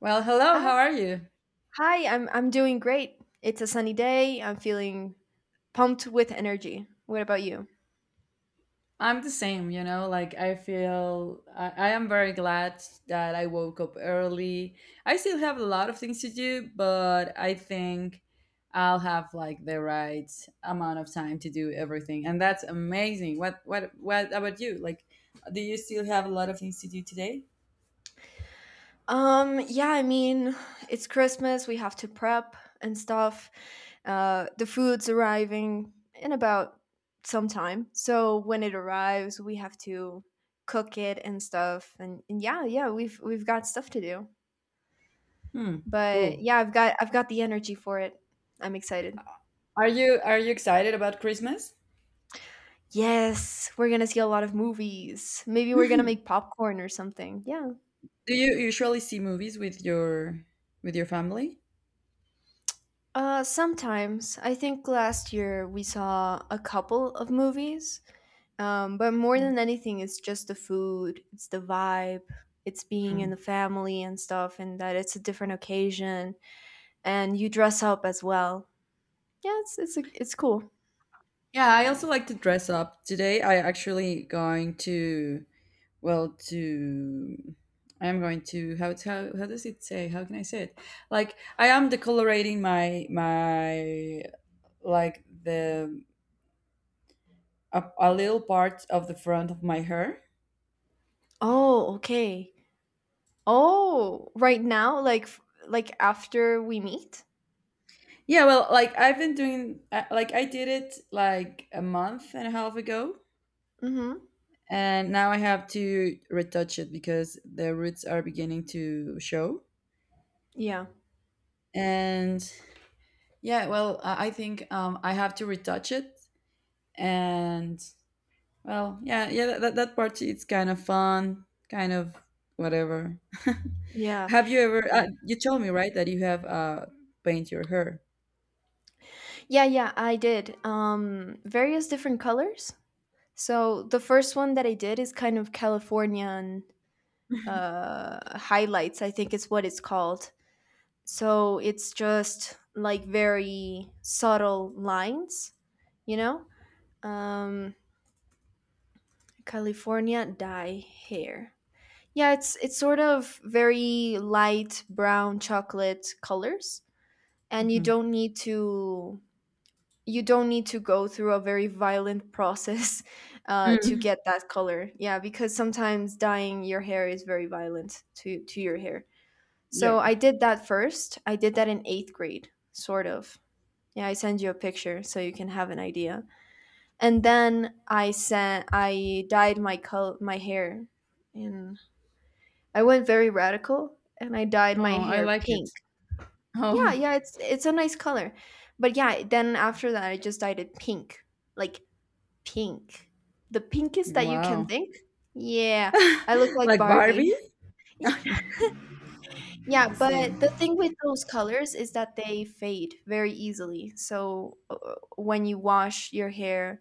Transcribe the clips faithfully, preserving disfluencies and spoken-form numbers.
Well, hello, Hi. how are you? Hi, I'm I'm doing great. It's a sunny day. I'm feeling pumped with energy. What about you? I'm the same, you know, like I feel I, I am very glad that I woke up early. I still have a lot of things to do, but I think I'll have like the right amount of time to do everything. And that's amazing. What what what about you? Like do you still have a lot of things to do today? Um, yeah, I mean, it's Christmas. We have to prep and stuff. Uh, the food's arriving in about some time. So when it arrives, we have to cook it and stuff. And, and yeah, yeah, we've we've got stuff to do. Hmm, But cool. yeah, I've got I've got the energy for it. I'm excited. Are you are you excited about Christmas? Yes, we're gonna see a lot of movies. Maybe we're gonna make popcorn or something. Yeah. do you usually see movies with your with your family? Uh, sometimes. I think last year we saw a couple of movies. Um, but more than anything, it's just the food, it's the vibe, it's being in Mhm. the family and stuff, and that it's a different occasion. And you dress up as well. Yeah, it's it's a, it's cool. Yeah, I also like to dress up. Today I actually going to well to I am going to how how how does it say? How can I say it? Like I am decolorating my my like the a, a little part of the front of my hair. Oh, okay. Oh, right now, like f- like after we meet. Yeah, well, like I've been doing uh, like I did it like a month and a half ago, Mm-hmm. and now I have to retouch it because the roots are beginning to show. Yeah. And yeah, well, I I think um, I have to retouch it, and well, yeah, yeah, that that that part it's kind of fun, kind of whatever. Yeah. have you ever? Uh, you told me right that you have uh paint your hair. Yeah, yeah, I did. Um, various different colors. So the first one that I did is kind of Californian uh, highlights. I think it's what it's called. So it's just like very subtle lines, you know. Um, California dye hair. Yeah, it's it's sort of very light brown chocolate colors, and you Hmm. don't need to you don't need to go through a very violent process uh, to Mm, get that color. Yeah, because sometimes dyeing your hair is very violent to to your hair. yeah. So I did that first. I did that in eighth grade, sort of. Yeah, I send you a picture so you can have an idea. And then I sent I dyed my color my hair, and I went very radical and I dyed No, my I hair like pink. it. Yeah, Oh, yeah, it's it's a nice color, but yeah, then after that I just dyed it pink, like pink. The pinkest that you can wow. think? Yeah, I look like like Barbie. Barbie. Yeah, the but same. the thing with those colors is that they fade very easily. So uh, when you wash your hair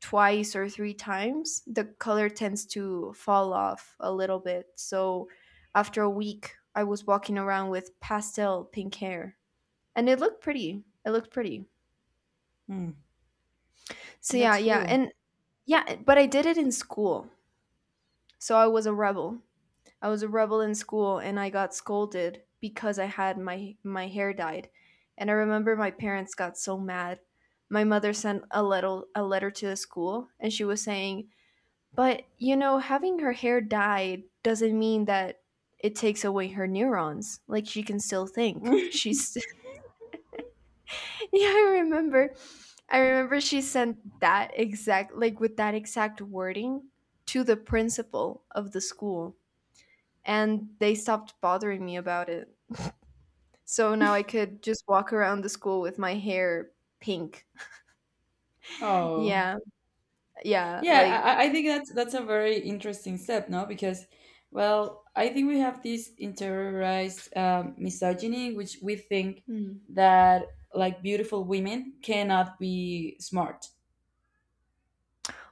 twice or three times, the color tends to fall off a little bit. So after a week, I was walking around with pastel pink hair and it looked pretty. It looked pretty. Hmm, So yeah, that's yeah. cool. And yeah, but I did it in school. So I was a rebel. I was a rebel in school and I got scolded because I had my my hair dyed. And I remember my parents got so mad. My mother sent a little a letter to the school and she was saying, "But you know, having her hair dyed doesn't mean that it takes away her neurons. Like she can still think." She's Yeah, I remember. I remember she sent that exact like with that exact wording to the principal of the school and they stopped bothering me about it. So now I could just walk around the school with my hair pink. oh. Yeah. Yeah, Yeah, like I, I think that's that's a very interesting step, no? Because, well, I think we have this interiorized um, misogyny, which we think mm. that like beautiful women cannot be smart.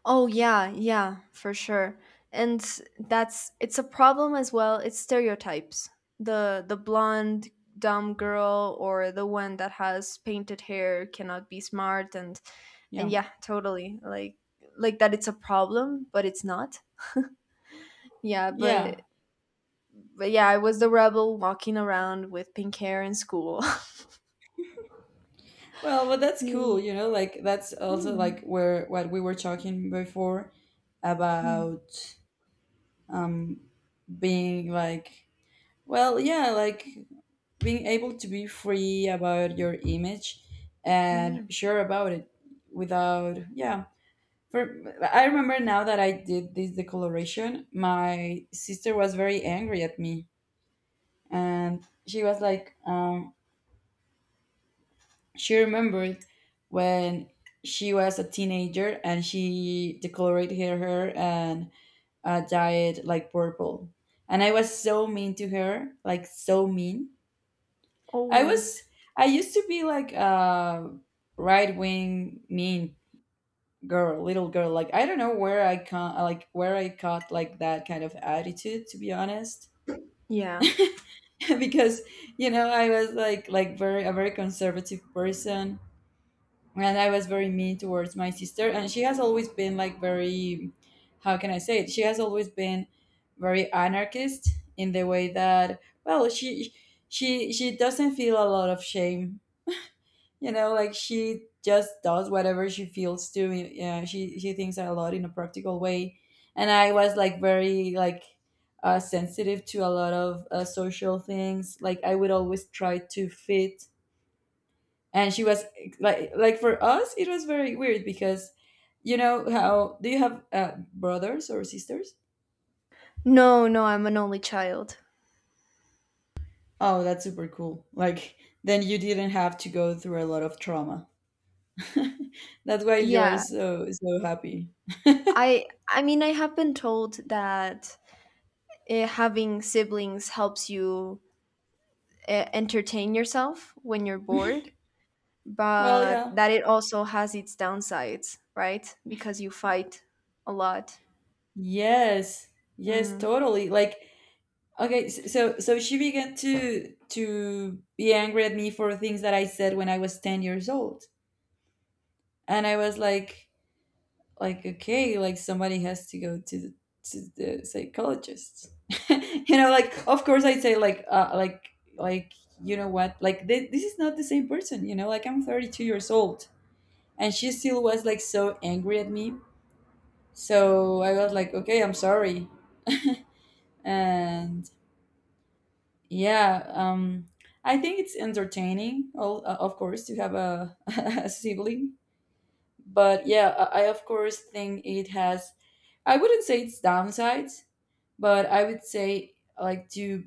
Oh yeah, yeah, for sure. And that's it's a problem as well. It's stereotypes. The the blonde dumb girl or the one that has painted hair cannot be smart and and Yeah, yeah, totally. Like like that it's a problem, but it's not. Yeah, yeah. but but yeah, I was the rebel walking around with pink hair in school. Well, but that's Yeah. cool, you know. Like that's also like Hmm. where what we were talking before Mm, about um, being like well, yeah, like being able to be free about your image oh yeah. and sure about it without, yeah. For I remember now that I did this decoloration, my sister was very angry at me, and she was like, um, she remembered when she was a teenager and she decolored her hair and uh, dyed like purple, and I was so mean to her, like so mean. I Oh was I used to be like a right wing mean girl, little girl. Like I don't know where I can like where I caught like that kind of attitude to be honest. yeah. because you know I was like like very a very conservative person, and I was very mean towards my sister, and she has always been like very how can I say it? She has always been very anarchist in the way that well she she she doesn't feel a lot of shame, you know, like she just does whatever she feels to. Yeah, she she thinks a lot in a practical way, and I was like very like uh, sensitive to a lot of uh, social things. Like I would always try to fit, and she was like like for us it was very weird because you know how do you have uh, brothers or sisters. No, no, I'm an only child. Oh that's super cool. Like then you didn't have to go through a lot of trauma. that's why you're Yeah. so so happy. I I mean I have been told that eh, having siblings helps you eh, entertain yourself when you're bored, Well, but yeah. that it also has its downsides, right? Because you fight a lot. Yes, yes, Mm, totally. Like, okay, s- so so she began to to be angry at me for things that I said when I was ten years old, and I was like, like okay, like somebody has to go to the to the psychologist, you know. Like, of course, I say like uh, like like you know what, like th- this is not the same person, you know. Like I'm thirty two years old, and she still was like so angry at me. So I was like, okay, I'm sorry, and yeah, um, I think it's entertaining, all, uh, of course, to have a, a sibling. But yeah, I, I of course think it has, I wouldn't say it's downsides, but I would say like to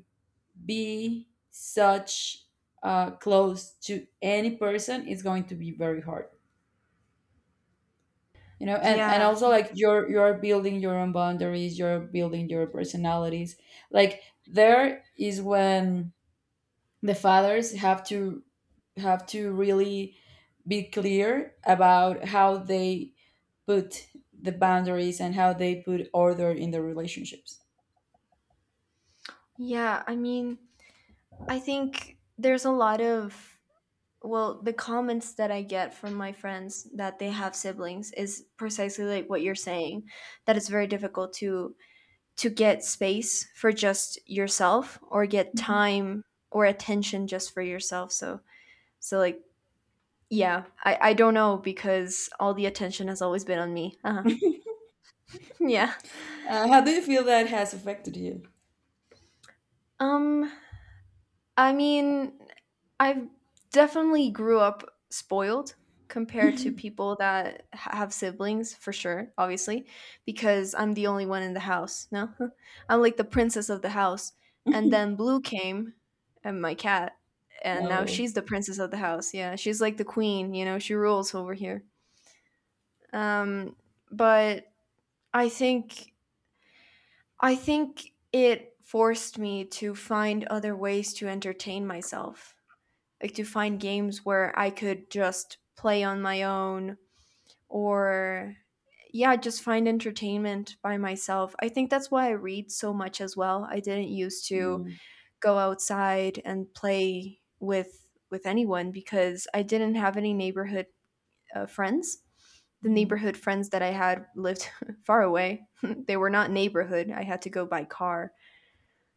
be such uh, close to any person is going to be very hard. You know, and, and yeah. also like you're you're building your own boundaries, you're building your personalities. Like there is when the fathers have to have to really be clear about how they put the boundaries and how they put order in the relationships. Yeah, I mean, I think there's a lot of well the comments that I get from my friends that they have siblings is precisely like what you're saying that it's very difficult to to get space for just yourself or get Mhm. time or attention just for yourself so so like yeah i i don't know because all the attention has always been on me uh-huh. yeah Uh, how do you feel that has affected you? um I mean, I've definitely grew up spoiled compared to people that ha- have siblings for sure, obviously, because I'm the only one in the house. No, I'm like the princess of the house. And then Blue came, and my cat, and now Oh. she's the princess of the house. Yeah, she's like the queen. You know, she rules over here. Um, but I think I think it forced me to find other ways to entertain myself like to find games where I could just play on my own or yeah, just find entertainment by myself. I think that's why I read so much as well. I didn't used to Mm, go outside and play with with anyone because I didn't have any neighborhood uh, friends. The mhm. neighborhood friends that I had lived far away. They were not neighborhood. I had to go by car.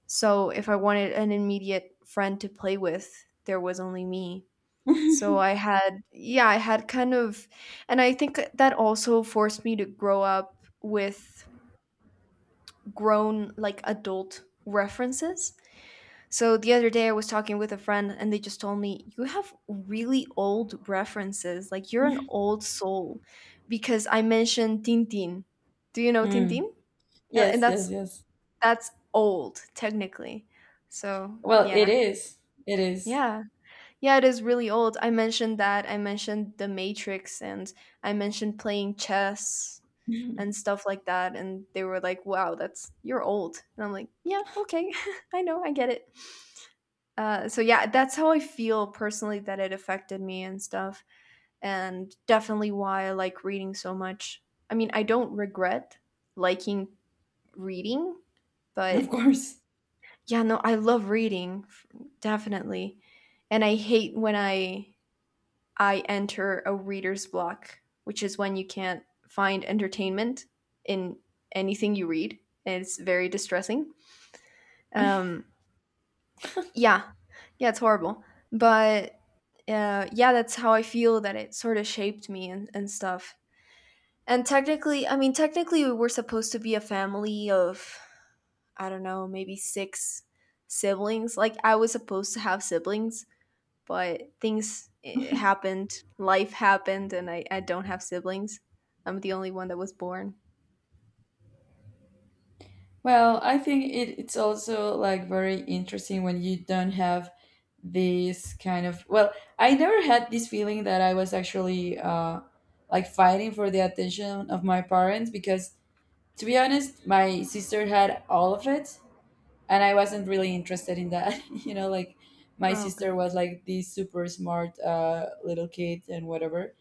So if I wanted an immediate friend to play with, there was only me. So I had, yeah, I had kind of, and I think that also forced me to grow up with grown, like adult references. So the other day I was talking with a friend and they just told me, you have really old references. Like you're an old soul because I mentioned Tintin. Do you know Mm. Tintin? Yeah, and Yes, that's, yes, yes. that's old technically. So Well, it yeah. is. It is. Yeah. Yeah, it is really old. I mentioned that. I mentioned The Matrix and I mentioned playing chess and stuff like that. And they were like, wow, that's, you're old. And I'm like, yeah, okay. I know. I get it. Uh, so yeah, that's how I feel personally that it affected me and stuff. And definitely why I like reading so much. I mean, I don't regret liking reading, but Of course. yeah, no, I love reading, f- definitely. And I hate when I I enter a reader's block, which is when you can't find entertainment in anything you read. And it's very distressing. Um, yeah, yeah, it's horrible. But uh, yeah, that's how I feel that it sort of shaped me and, and stuff. And technically, I mean, technically, we were supposed to be a family of, I don't know, maybe six siblings. Like, I was supposed to have siblings, but things eh, happened, life happened, and I, I don't have siblings. I'm the only one that was born. Well, I think it, it's also like very interesting when you don't have this kind of well I never had this feeling that I was actually uh, like fighting for the attention of my parents because to be honest my sister had all of it, and I wasn't really interested in that. you know, like my Okay. sister was like this super smart uh, little kid and whatever,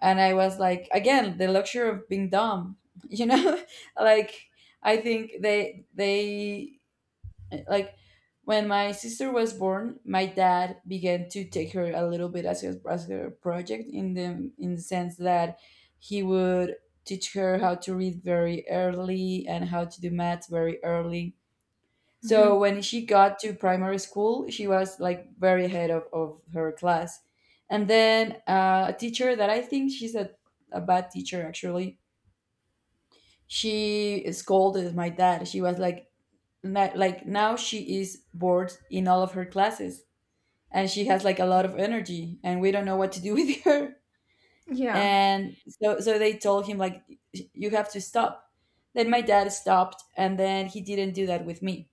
and I was like again the luxury of being dumb. you know. like I think they they like when my sister was born my dad began to take her a little bit as his as her project in the in the sense that he would teach her how to read very early and how to do math very early, so Hmm. when she got to primary school she was like very ahead of, of her class, and then uh, a teacher that I think she's a, a bad teacher actually, she scolded my dad. She was like na- like now she is bored in all of her classes and she has like a lot of energy and we don't know what to do with her. Yeah. And so so they told him like you have to stop, then my dad stopped, and then he didn't do that with me,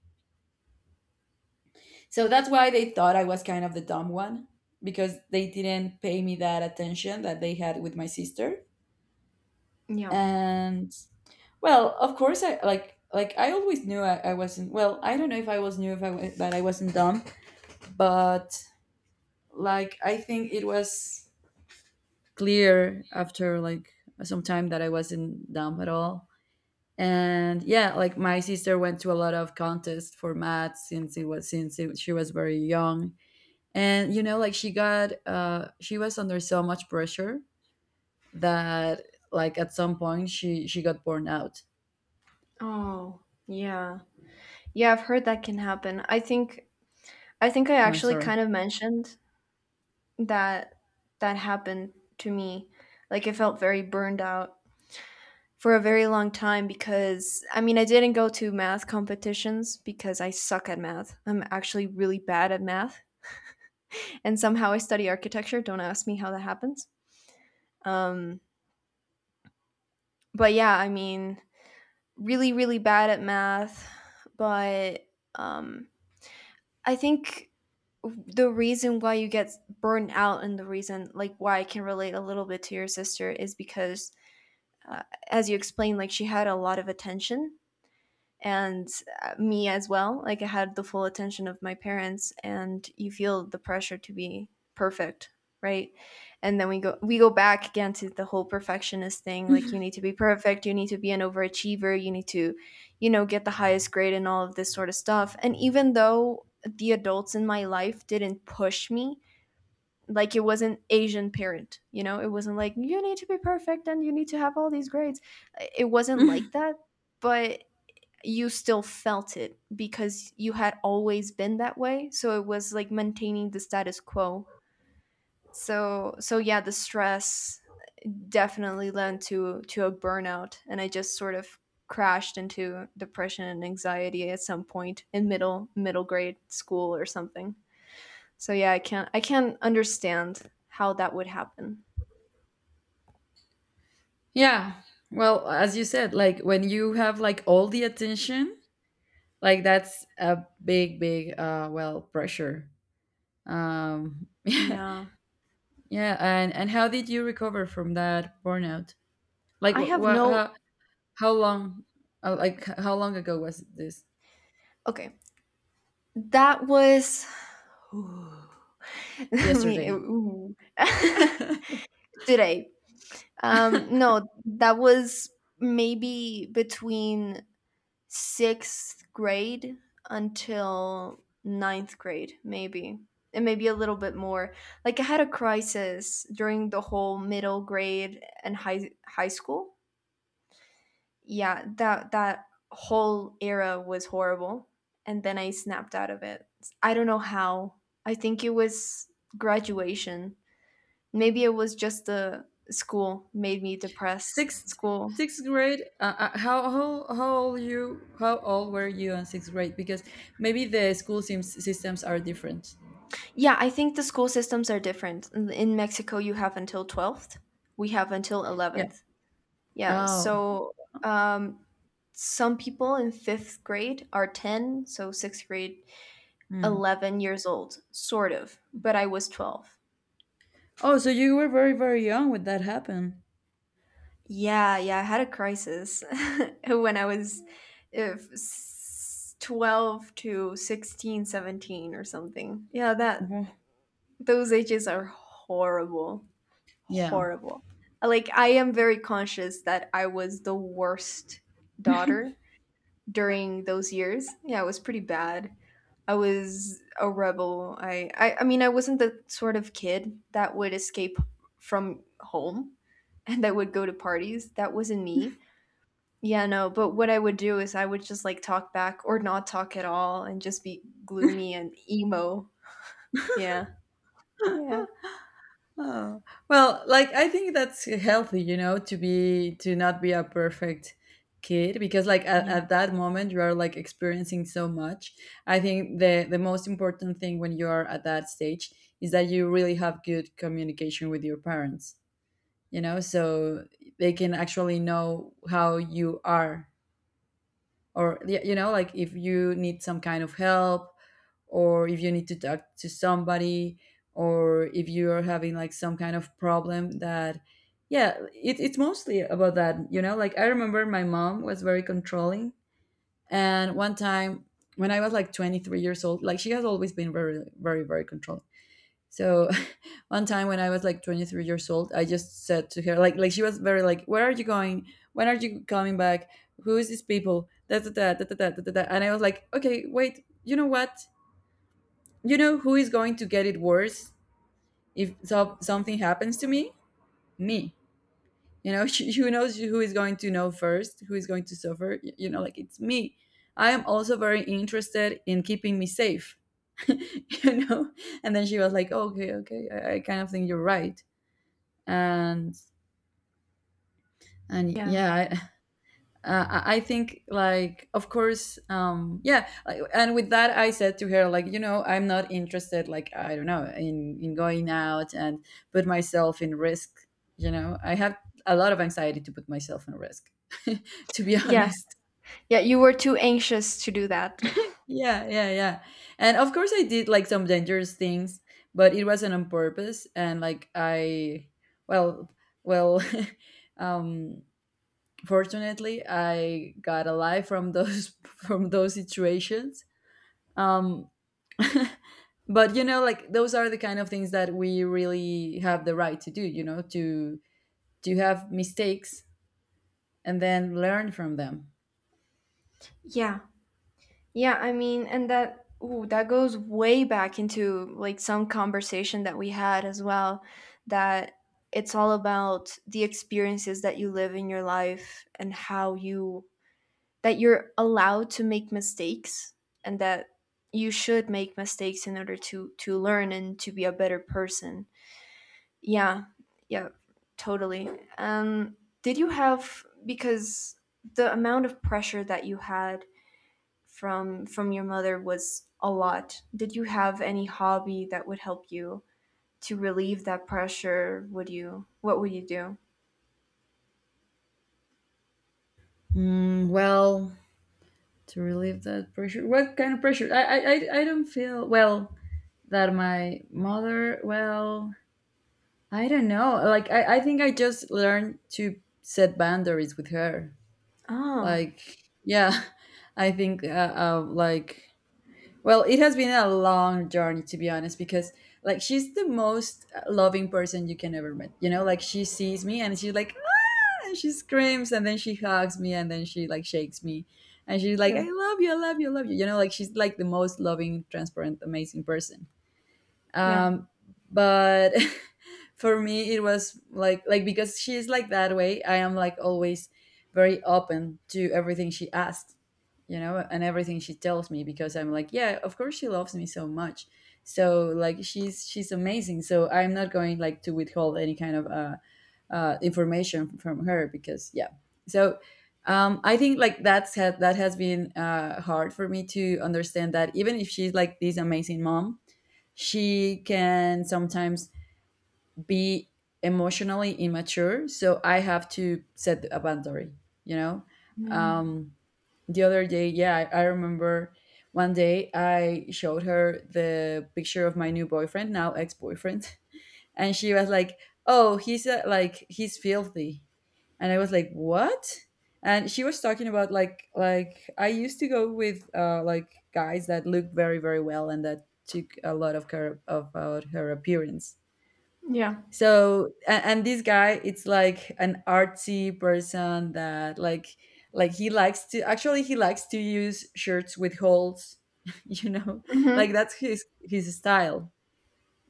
so that's why they thought I was kind of the dumb one, because they didn't pay me that attention that they had with my sister. Yeah. And well of course I like like I always knew i, I wasn't well I don't know if I was knew if I wa- that I wasn't dumb, but like I think it was clear after like some time that I wasn't dumb at all. And yeah, like my sister went to a lot of contests for math since it was since it, she was very young, and you know like she got uh she was under so much pressure that like at some point she she got burned out. Oh. Yeah. Yeah, I've heard that can happen. I think I think I No, actually sorry. kind of mentioned that that happened to me. Like I felt very burned out for a very long time because I mean, I didn't go to math competitions because I suck at math. I'm actually really bad at math. And somehow I study architecture. Don't ask me how that happens. Um, but yeah, I mean, really, really bad at math. But um, I think the reason why you get burned out and the reason like why I can relate a little bit to your sister is because, uh, as you explained, like she had a lot of attention and uh, me as well. Like I had the full attention of my parents, and you feel the pressure to be perfect, right? And then we go we go back again to the whole perfectionist thing. Like you need to be perfect, you need to be an overachiever, you need to, you know, get the highest grade and all of this sort of stuff. And even though the adults in my life didn't push me like it was an Asian parent you know it wasn't like you need to be perfect and you need to have all these grades it wasn't like that but you still felt it because you had always been that way. So it was like maintaining the status quo. So so yeah, the stress definitely led to to a burnout and I just sort of crashed into depression and anxiety at some point in middle middle grade school or something. So yeah, I can't I can't understand how that would happen. yeah, well as you said like when you have like all the attention like that's a big big uh well pressure. um Yeah. yeah, and and how did you recover from that burnout? Like I what, have what no how, how long uh, like how long ago was this? okay. That was me. Yesterday. Ooh. Today, Um, no, that was maybe between sixth grade until ninth grade, maybe. And maybe a little bit more. Like I had a crisis during the whole middle grade and high high school. Yeah, that that whole era was horrible. And then I snapped out of it. I don't know how. I think it was graduation. Maybe it was just the school made me depressed. sixth School sixth grade uh, uh, how, how how old you how old were you in sixth grade? Because maybe the school seems, systems are different. yeah, I think the school systems are different. In in Mexico, you have until twelfth. We have until Yeah. eleventh. Yeah, Oh. so um, some people in fifth grade are ten, so sixth grade, Hmm. eleven years old, sort of, but I was twelve. Oh so you were very very young when that happened. Yeah, yeah, I had a crisis when I was if, s- twelve to sixteen, seventeen, or something. Yeah, that Mhm. those ages are horrible. Yeah. Horrible. Like I am very conscious that I was the worst daughter during those years. Yeah, I was pretty bad. I was a rebel. I, I I mean I wasn't the sort of kid that would escape from home and that would go to parties. That wasn't me. Yeah, no, but what I would do is I would just like talk back or not talk at all and just be gloomy and emo. Yeah. Yeah. Oh, well, like I think that's healthy, you know, to be to not be a perfect kid because like at, Yeah. at that moment you are like experiencing so much. I think the the most important thing when you are at that stage is that you really have good communication with your parents, you know, so they can actually know how you are or y- you know, like if you need some kind of help or if you need to talk to somebody or if you're having like some kind of problem that yeah it, it's mostly about that. You know, like I remember my mom was very controlling, and one time when I was like twenty three years old, like she has always been very very very controlling, so one time when I was like twenty three years old I just said to her like like she was very like where are you going, when are you coming back, who is these people, da, da, da, da, da, da, da, da, da." And I was like okay wait, you know what, you know who is going to get it worse if so- something happens to me? Me. You know. who knows, who is going to know first, who is going to suffer? Y- you know, like it's me. I am also very interested in keeping me safe. you know, and then she was like "Oh, okay okay i, I kind of think you're right, and and Yeah. yeah uh, I I think, like, of course, um, yeah. like, And with that, I said to her, like, you know, I'm not interested, like, I don't know, in in going out and put myself in risk. You know, I have a lot of anxiety to put myself in risk, to be Yeah. honest. Yeah, you were too anxious to do that. Yeah, yeah, yeah. And of course, I did like some dangerous things, but it wasn't on purpose. And like, I, well, well, um, fortunately I got alive from those from those situations um but you know, like, those are the kind of things that we really have the right to do, you know, to to have mistakes and then learn from them. Yeah. Yeah, I mean, and that ooh, that goes way back into like some conversation that we had as well that it's all about the experiences that you live in your life and how you that you're allowed to make mistakes and that you should make mistakes in order to to learn and to be a better person. Yeah. Yeah, totally. Um did you have because the amount of pressure that you had from from your mother was a lot. Did you have any hobby that would help you to relieve that pressure? Would you What would you do? Mm, well, to relieve that pressure, what kind of pressure? I, I i I don't feel well that my mother, well, I don't know, like i i think I just learned to set boundaries with her, Oh, like. Yeah, I think uh, uh, like, well, it has been a long journey, to be honest, because like she's the most uh, loving person you can ever meet, you know. Like, she sees me and she's like, "Ah," and she screams and then she hugs me and then she like shakes me, and she's like, yeah, I love you, I love you, I love you, you know. Like, she's like the most loving, transparent, amazing person. yeah, um, but for me it was like like because she's like that way, I am like always very open to everything she asks, you know, and everything she tells me, because I'm like, yeah, of course she loves me so much. So like she's she's amazing, so I'm not going like to withhold any kind of uh, uh information from her, because yeah. So um I think like that's had that has been uh hard for me to understand that even if she's like this amazing mom, she can sometimes be emotionally immature, so I have to set a boundary, you know. yeah, um the other day, yeah, i, I remember one day I showed her the picture of my new boyfriend, now ex-boyfriend, and she was like, "Oh, he's uh, like, he's filthy," and I was like, "What?" And she was talking about, like like I used to go with uh, like guys that looked very, very well and that took a lot of care about her appearance. yeah. So and, and this guy, it's like an artsy person that like like he likes to, actually he likes to use shirts with holes, you know, like Hmm. that's his his style,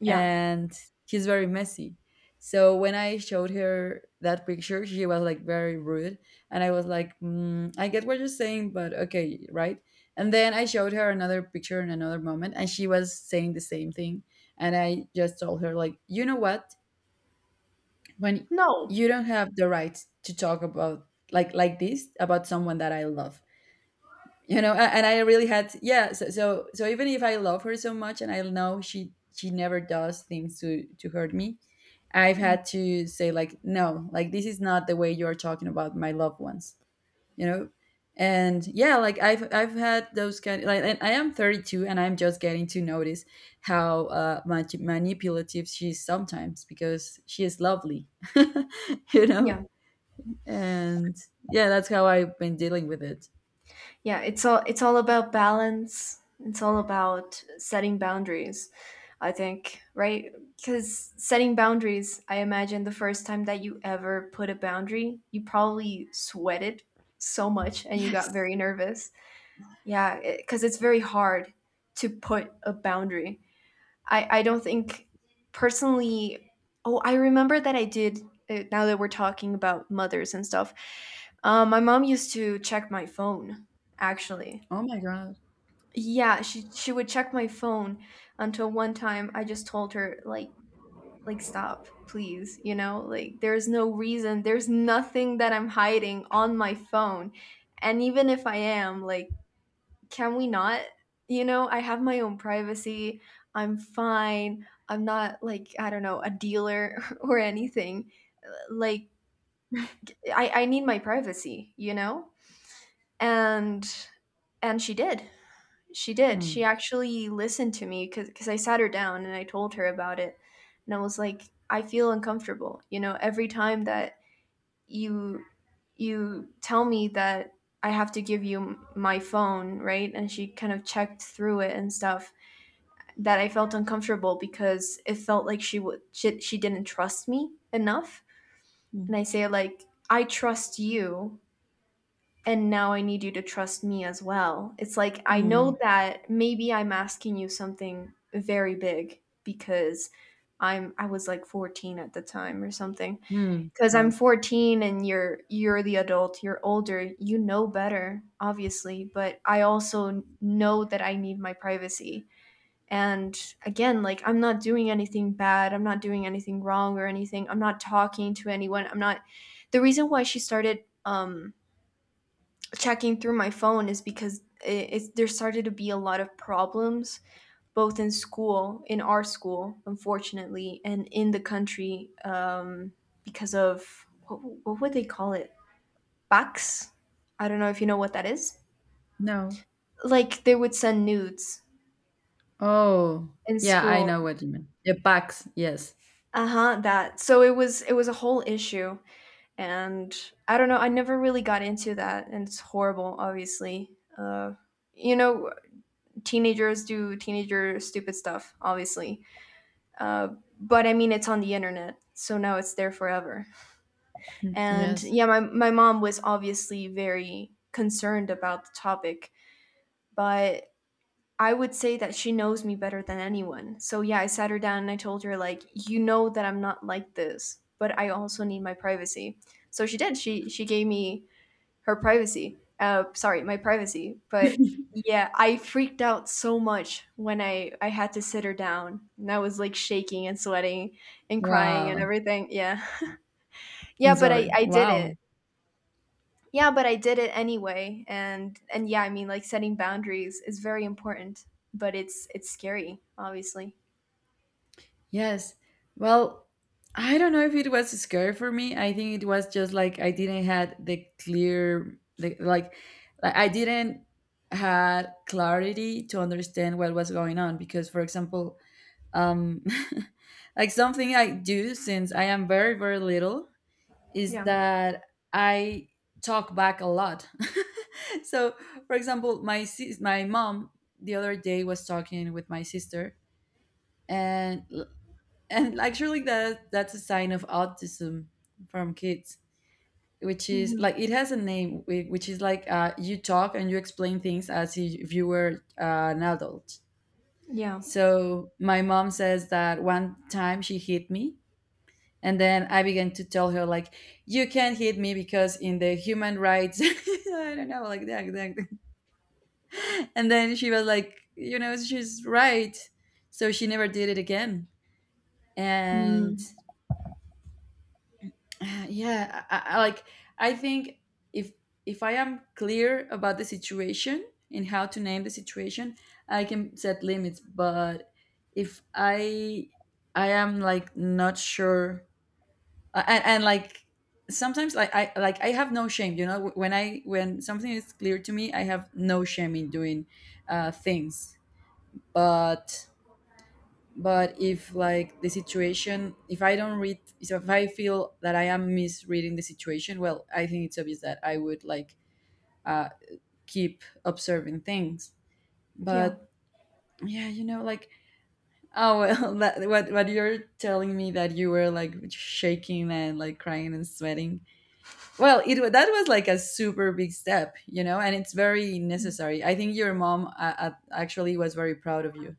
Yeah. and he's very messy. So when I showed her that picture, she was like very rude, and I was like, mm, "I get what you're saying, but okay, right?" And then I showed her another picture in another moment, and she was saying the same thing. And I just told her like, "You know what? When No. you don't have the right to talk about like like this about someone that I love, you know." A- and I really had, yeah, so, so so even if I love her so much and I know she she never does things to to hurt me, I've Yeah. had to say like, no, like this is not the way you're talking about my loved ones, you know. And yeah, like i've i've had those kind, like. And I am thirty-two and I'm just getting to notice how uh much manipulative she is sometimes, because she is lovely. You know. Yeah. And yeah, that's how I've been dealing with it. Yeah, it's all, it's all about balance, it's all about setting boundaries, I think, right? Because setting boundaries, I imagine the first time that you ever put a boundary you probably sweated so much and you got Yes. very nervous. Yeah, because it's very hard to put a boundary. I i don't think, personally. Oh, I remember that I did. Uh, now that we're talking about mothers and stuff, um, my mom used to check my phone, actually. Oh my god. Yeah, she she would check my phone until one time I just told her like like stop, please, you know? Like there's no reason, there's nothing that I'm hiding on my phone. And even if I am, like, can we not? You know, I have my own privacy. I'm fine. I'm not like, I don't know, a dealer or anything. Uh, Like I I need my privacy, you know? And and she did. She did. She Mm. actually listened to me because because I sat her down and I told her about it, and I was like, I feel uncomfortable. You know, every time that you you tell me that I have to give you m- my phone, right? And she kind of checked through it and stuff. That I felt uncomfortable because it felt like she would she, she didn't trust me enough. And Mm. I say like, I trust you, and now I need you to trust me as well. It's like I Mm. know that maybe I'm asking you something very big because I'm I was like fourteen at the time or something. Mm. Cuz I'm Wow. fourteen and you're you're the adult, you're older, you know better obviously, but I also know that I need my privacy. And again, like I'm not doing anything bad, I'm not doing anything wrong or anything. I'm not talking to anyone. I'm not. The reason why she started um checking through my phone is because it, it's, there started to be a lot of problems both in school, in our school unfortunately, and in the country, um, because of what, what would they call it, bucks. I don't know if you know what that is. No. Like they would send nudes Oh, in yeah, I school. know what you mean. The packs. Yes. Uh-huh, that, so it was, it was a whole issue, and I don't know, I never really got into that, and it's horrible obviously. uh you know, teenagers do teenager stupid stuff, obviously. Uh, but I mean, it's on the internet, so now it's there forever. And Yes. yeah, my, my mom was obviously very concerned about the topic, but I would say that she knows me better than anyone. So yeah, I sat her down and I told her, like, you know that I'm not like this, but I also need my privacy. So she did. She she gave me her privacy. Uh, sorry, my privacy. But yeah, I freaked out so much when I I had to sit her down, and I was like shaking and sweating and crying and Wow. everything. Yeah, yeah, I'm but I sorry. I did Wow. it. Yeah, but I did it anyway. And and yeah, I mean, like setting boundaries is very important, but it's it's scary, obviously. Yes. Well, I don't know if it was scary for me. I think it was just like I didn't had the clear, the, like, like I didn't had clarity to understand what was going on because, for example, um, like something I do since I am very, very little is Yeah. that I talk back a lot. So, for example, my sis- my mom the other day was talking with my sister, and and actually that that's a sign of autism from kids, which is Hmm. like it has a name, whi- which is like, uh, you talk and you explain things as if you were uh, an adult. Yeah. So my mom says that one time she hit me and then I began to tell her like, you can't hit me because in the human rights, I don't know, like that, that. And then she was like, you know, she's right, so she never did it again. And Mm, uh, yeah, I, I, like, I think if if I am clear about the situation and how to name the situation, I can set limits. But if I I am like not sure. Uh, and, and like, sometimes like i like I have no shame, you know, when I when something is clear to me, I have no shame in doing uh things. but but if like the situation, if I don't read, so if I feel that I am misreading the situation, well, I think it's obvious that I would like uh keep observing things. yeah. But yeah, you know, like, oh well, that, what what you're telling me, that you were like shaking and like crying and sweating, well, it wa- that was like a super big step, you know, and it's very necessary. I think your mom uh, uh, actually was very proud of you.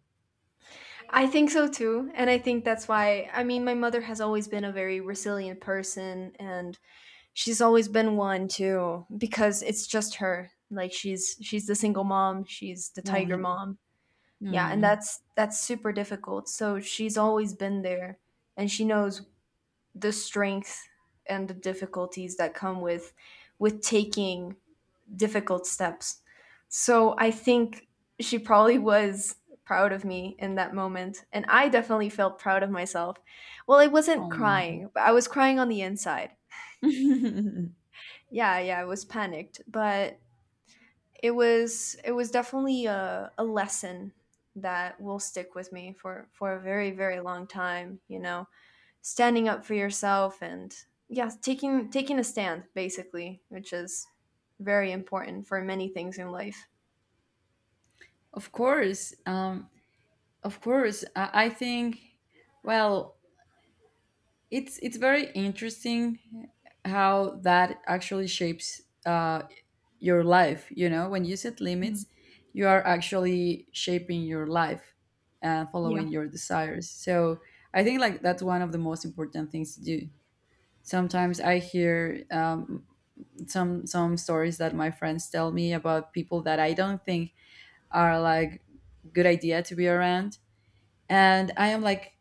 I think so too. And I think that's why, I mean, my mother has always been a very resilient person, and she's always been one too because it's just her, like she's she's the single mom, she's the Oh, tiger yeah. mom. Yeah, and Mm. that's that's super difficult, so she's always been there, and she knows the strength and the difficulties that come with with taking difficult steps. So I think she probably was proud of me in that moment, and I definitely felt proud of myself. Well, I wasn't Oh. crying, but I was crying on the inside. Yeah, yeah, I was panicked, but it was it was definitely a, a lesson that will stick with me for for a very very long time. You know, standing up for yourself and yeah, taking taking a stand basically, which is very important for many things in life. Of course. Um, of course. I, I think, well, it's it's very interesting how that actually shapes uh, your life, you know, when you set Mm, limits, you are actually shaping your life and yeah. following your desires. So I think like that's one of the most important things to do. Sometimes I hear um, some some stories that my friends tell me about people that I don't think are like good idea to be around, and I am like,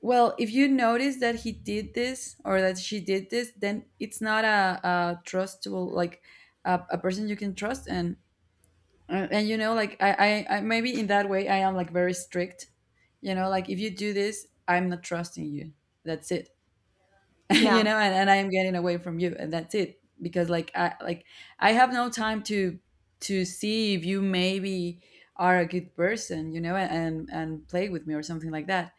well, if you notice that he did this or that she did this, then it's not a, a trustable, like a, a person you can trust. And uh, and you know, like, I, I I maybe in that way I am like very strict, you know, like if you do this, I'm not trusting you, that's it. You Yeah, know, and, and I'm getting away from you, and that's it, because like i like I have no time to to see if you maybe are a good person, you know, and and play with me or something like that.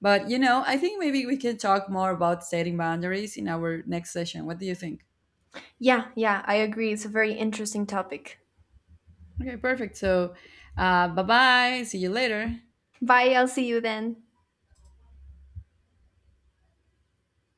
But you know, I think maybe we can talk more about setting boundaries in our next session. What do you think? yeah, yeah. I agree. It's a very interesting topic. Okay, perfect. So uh bye bye, see you later. Bye. I'll see you then.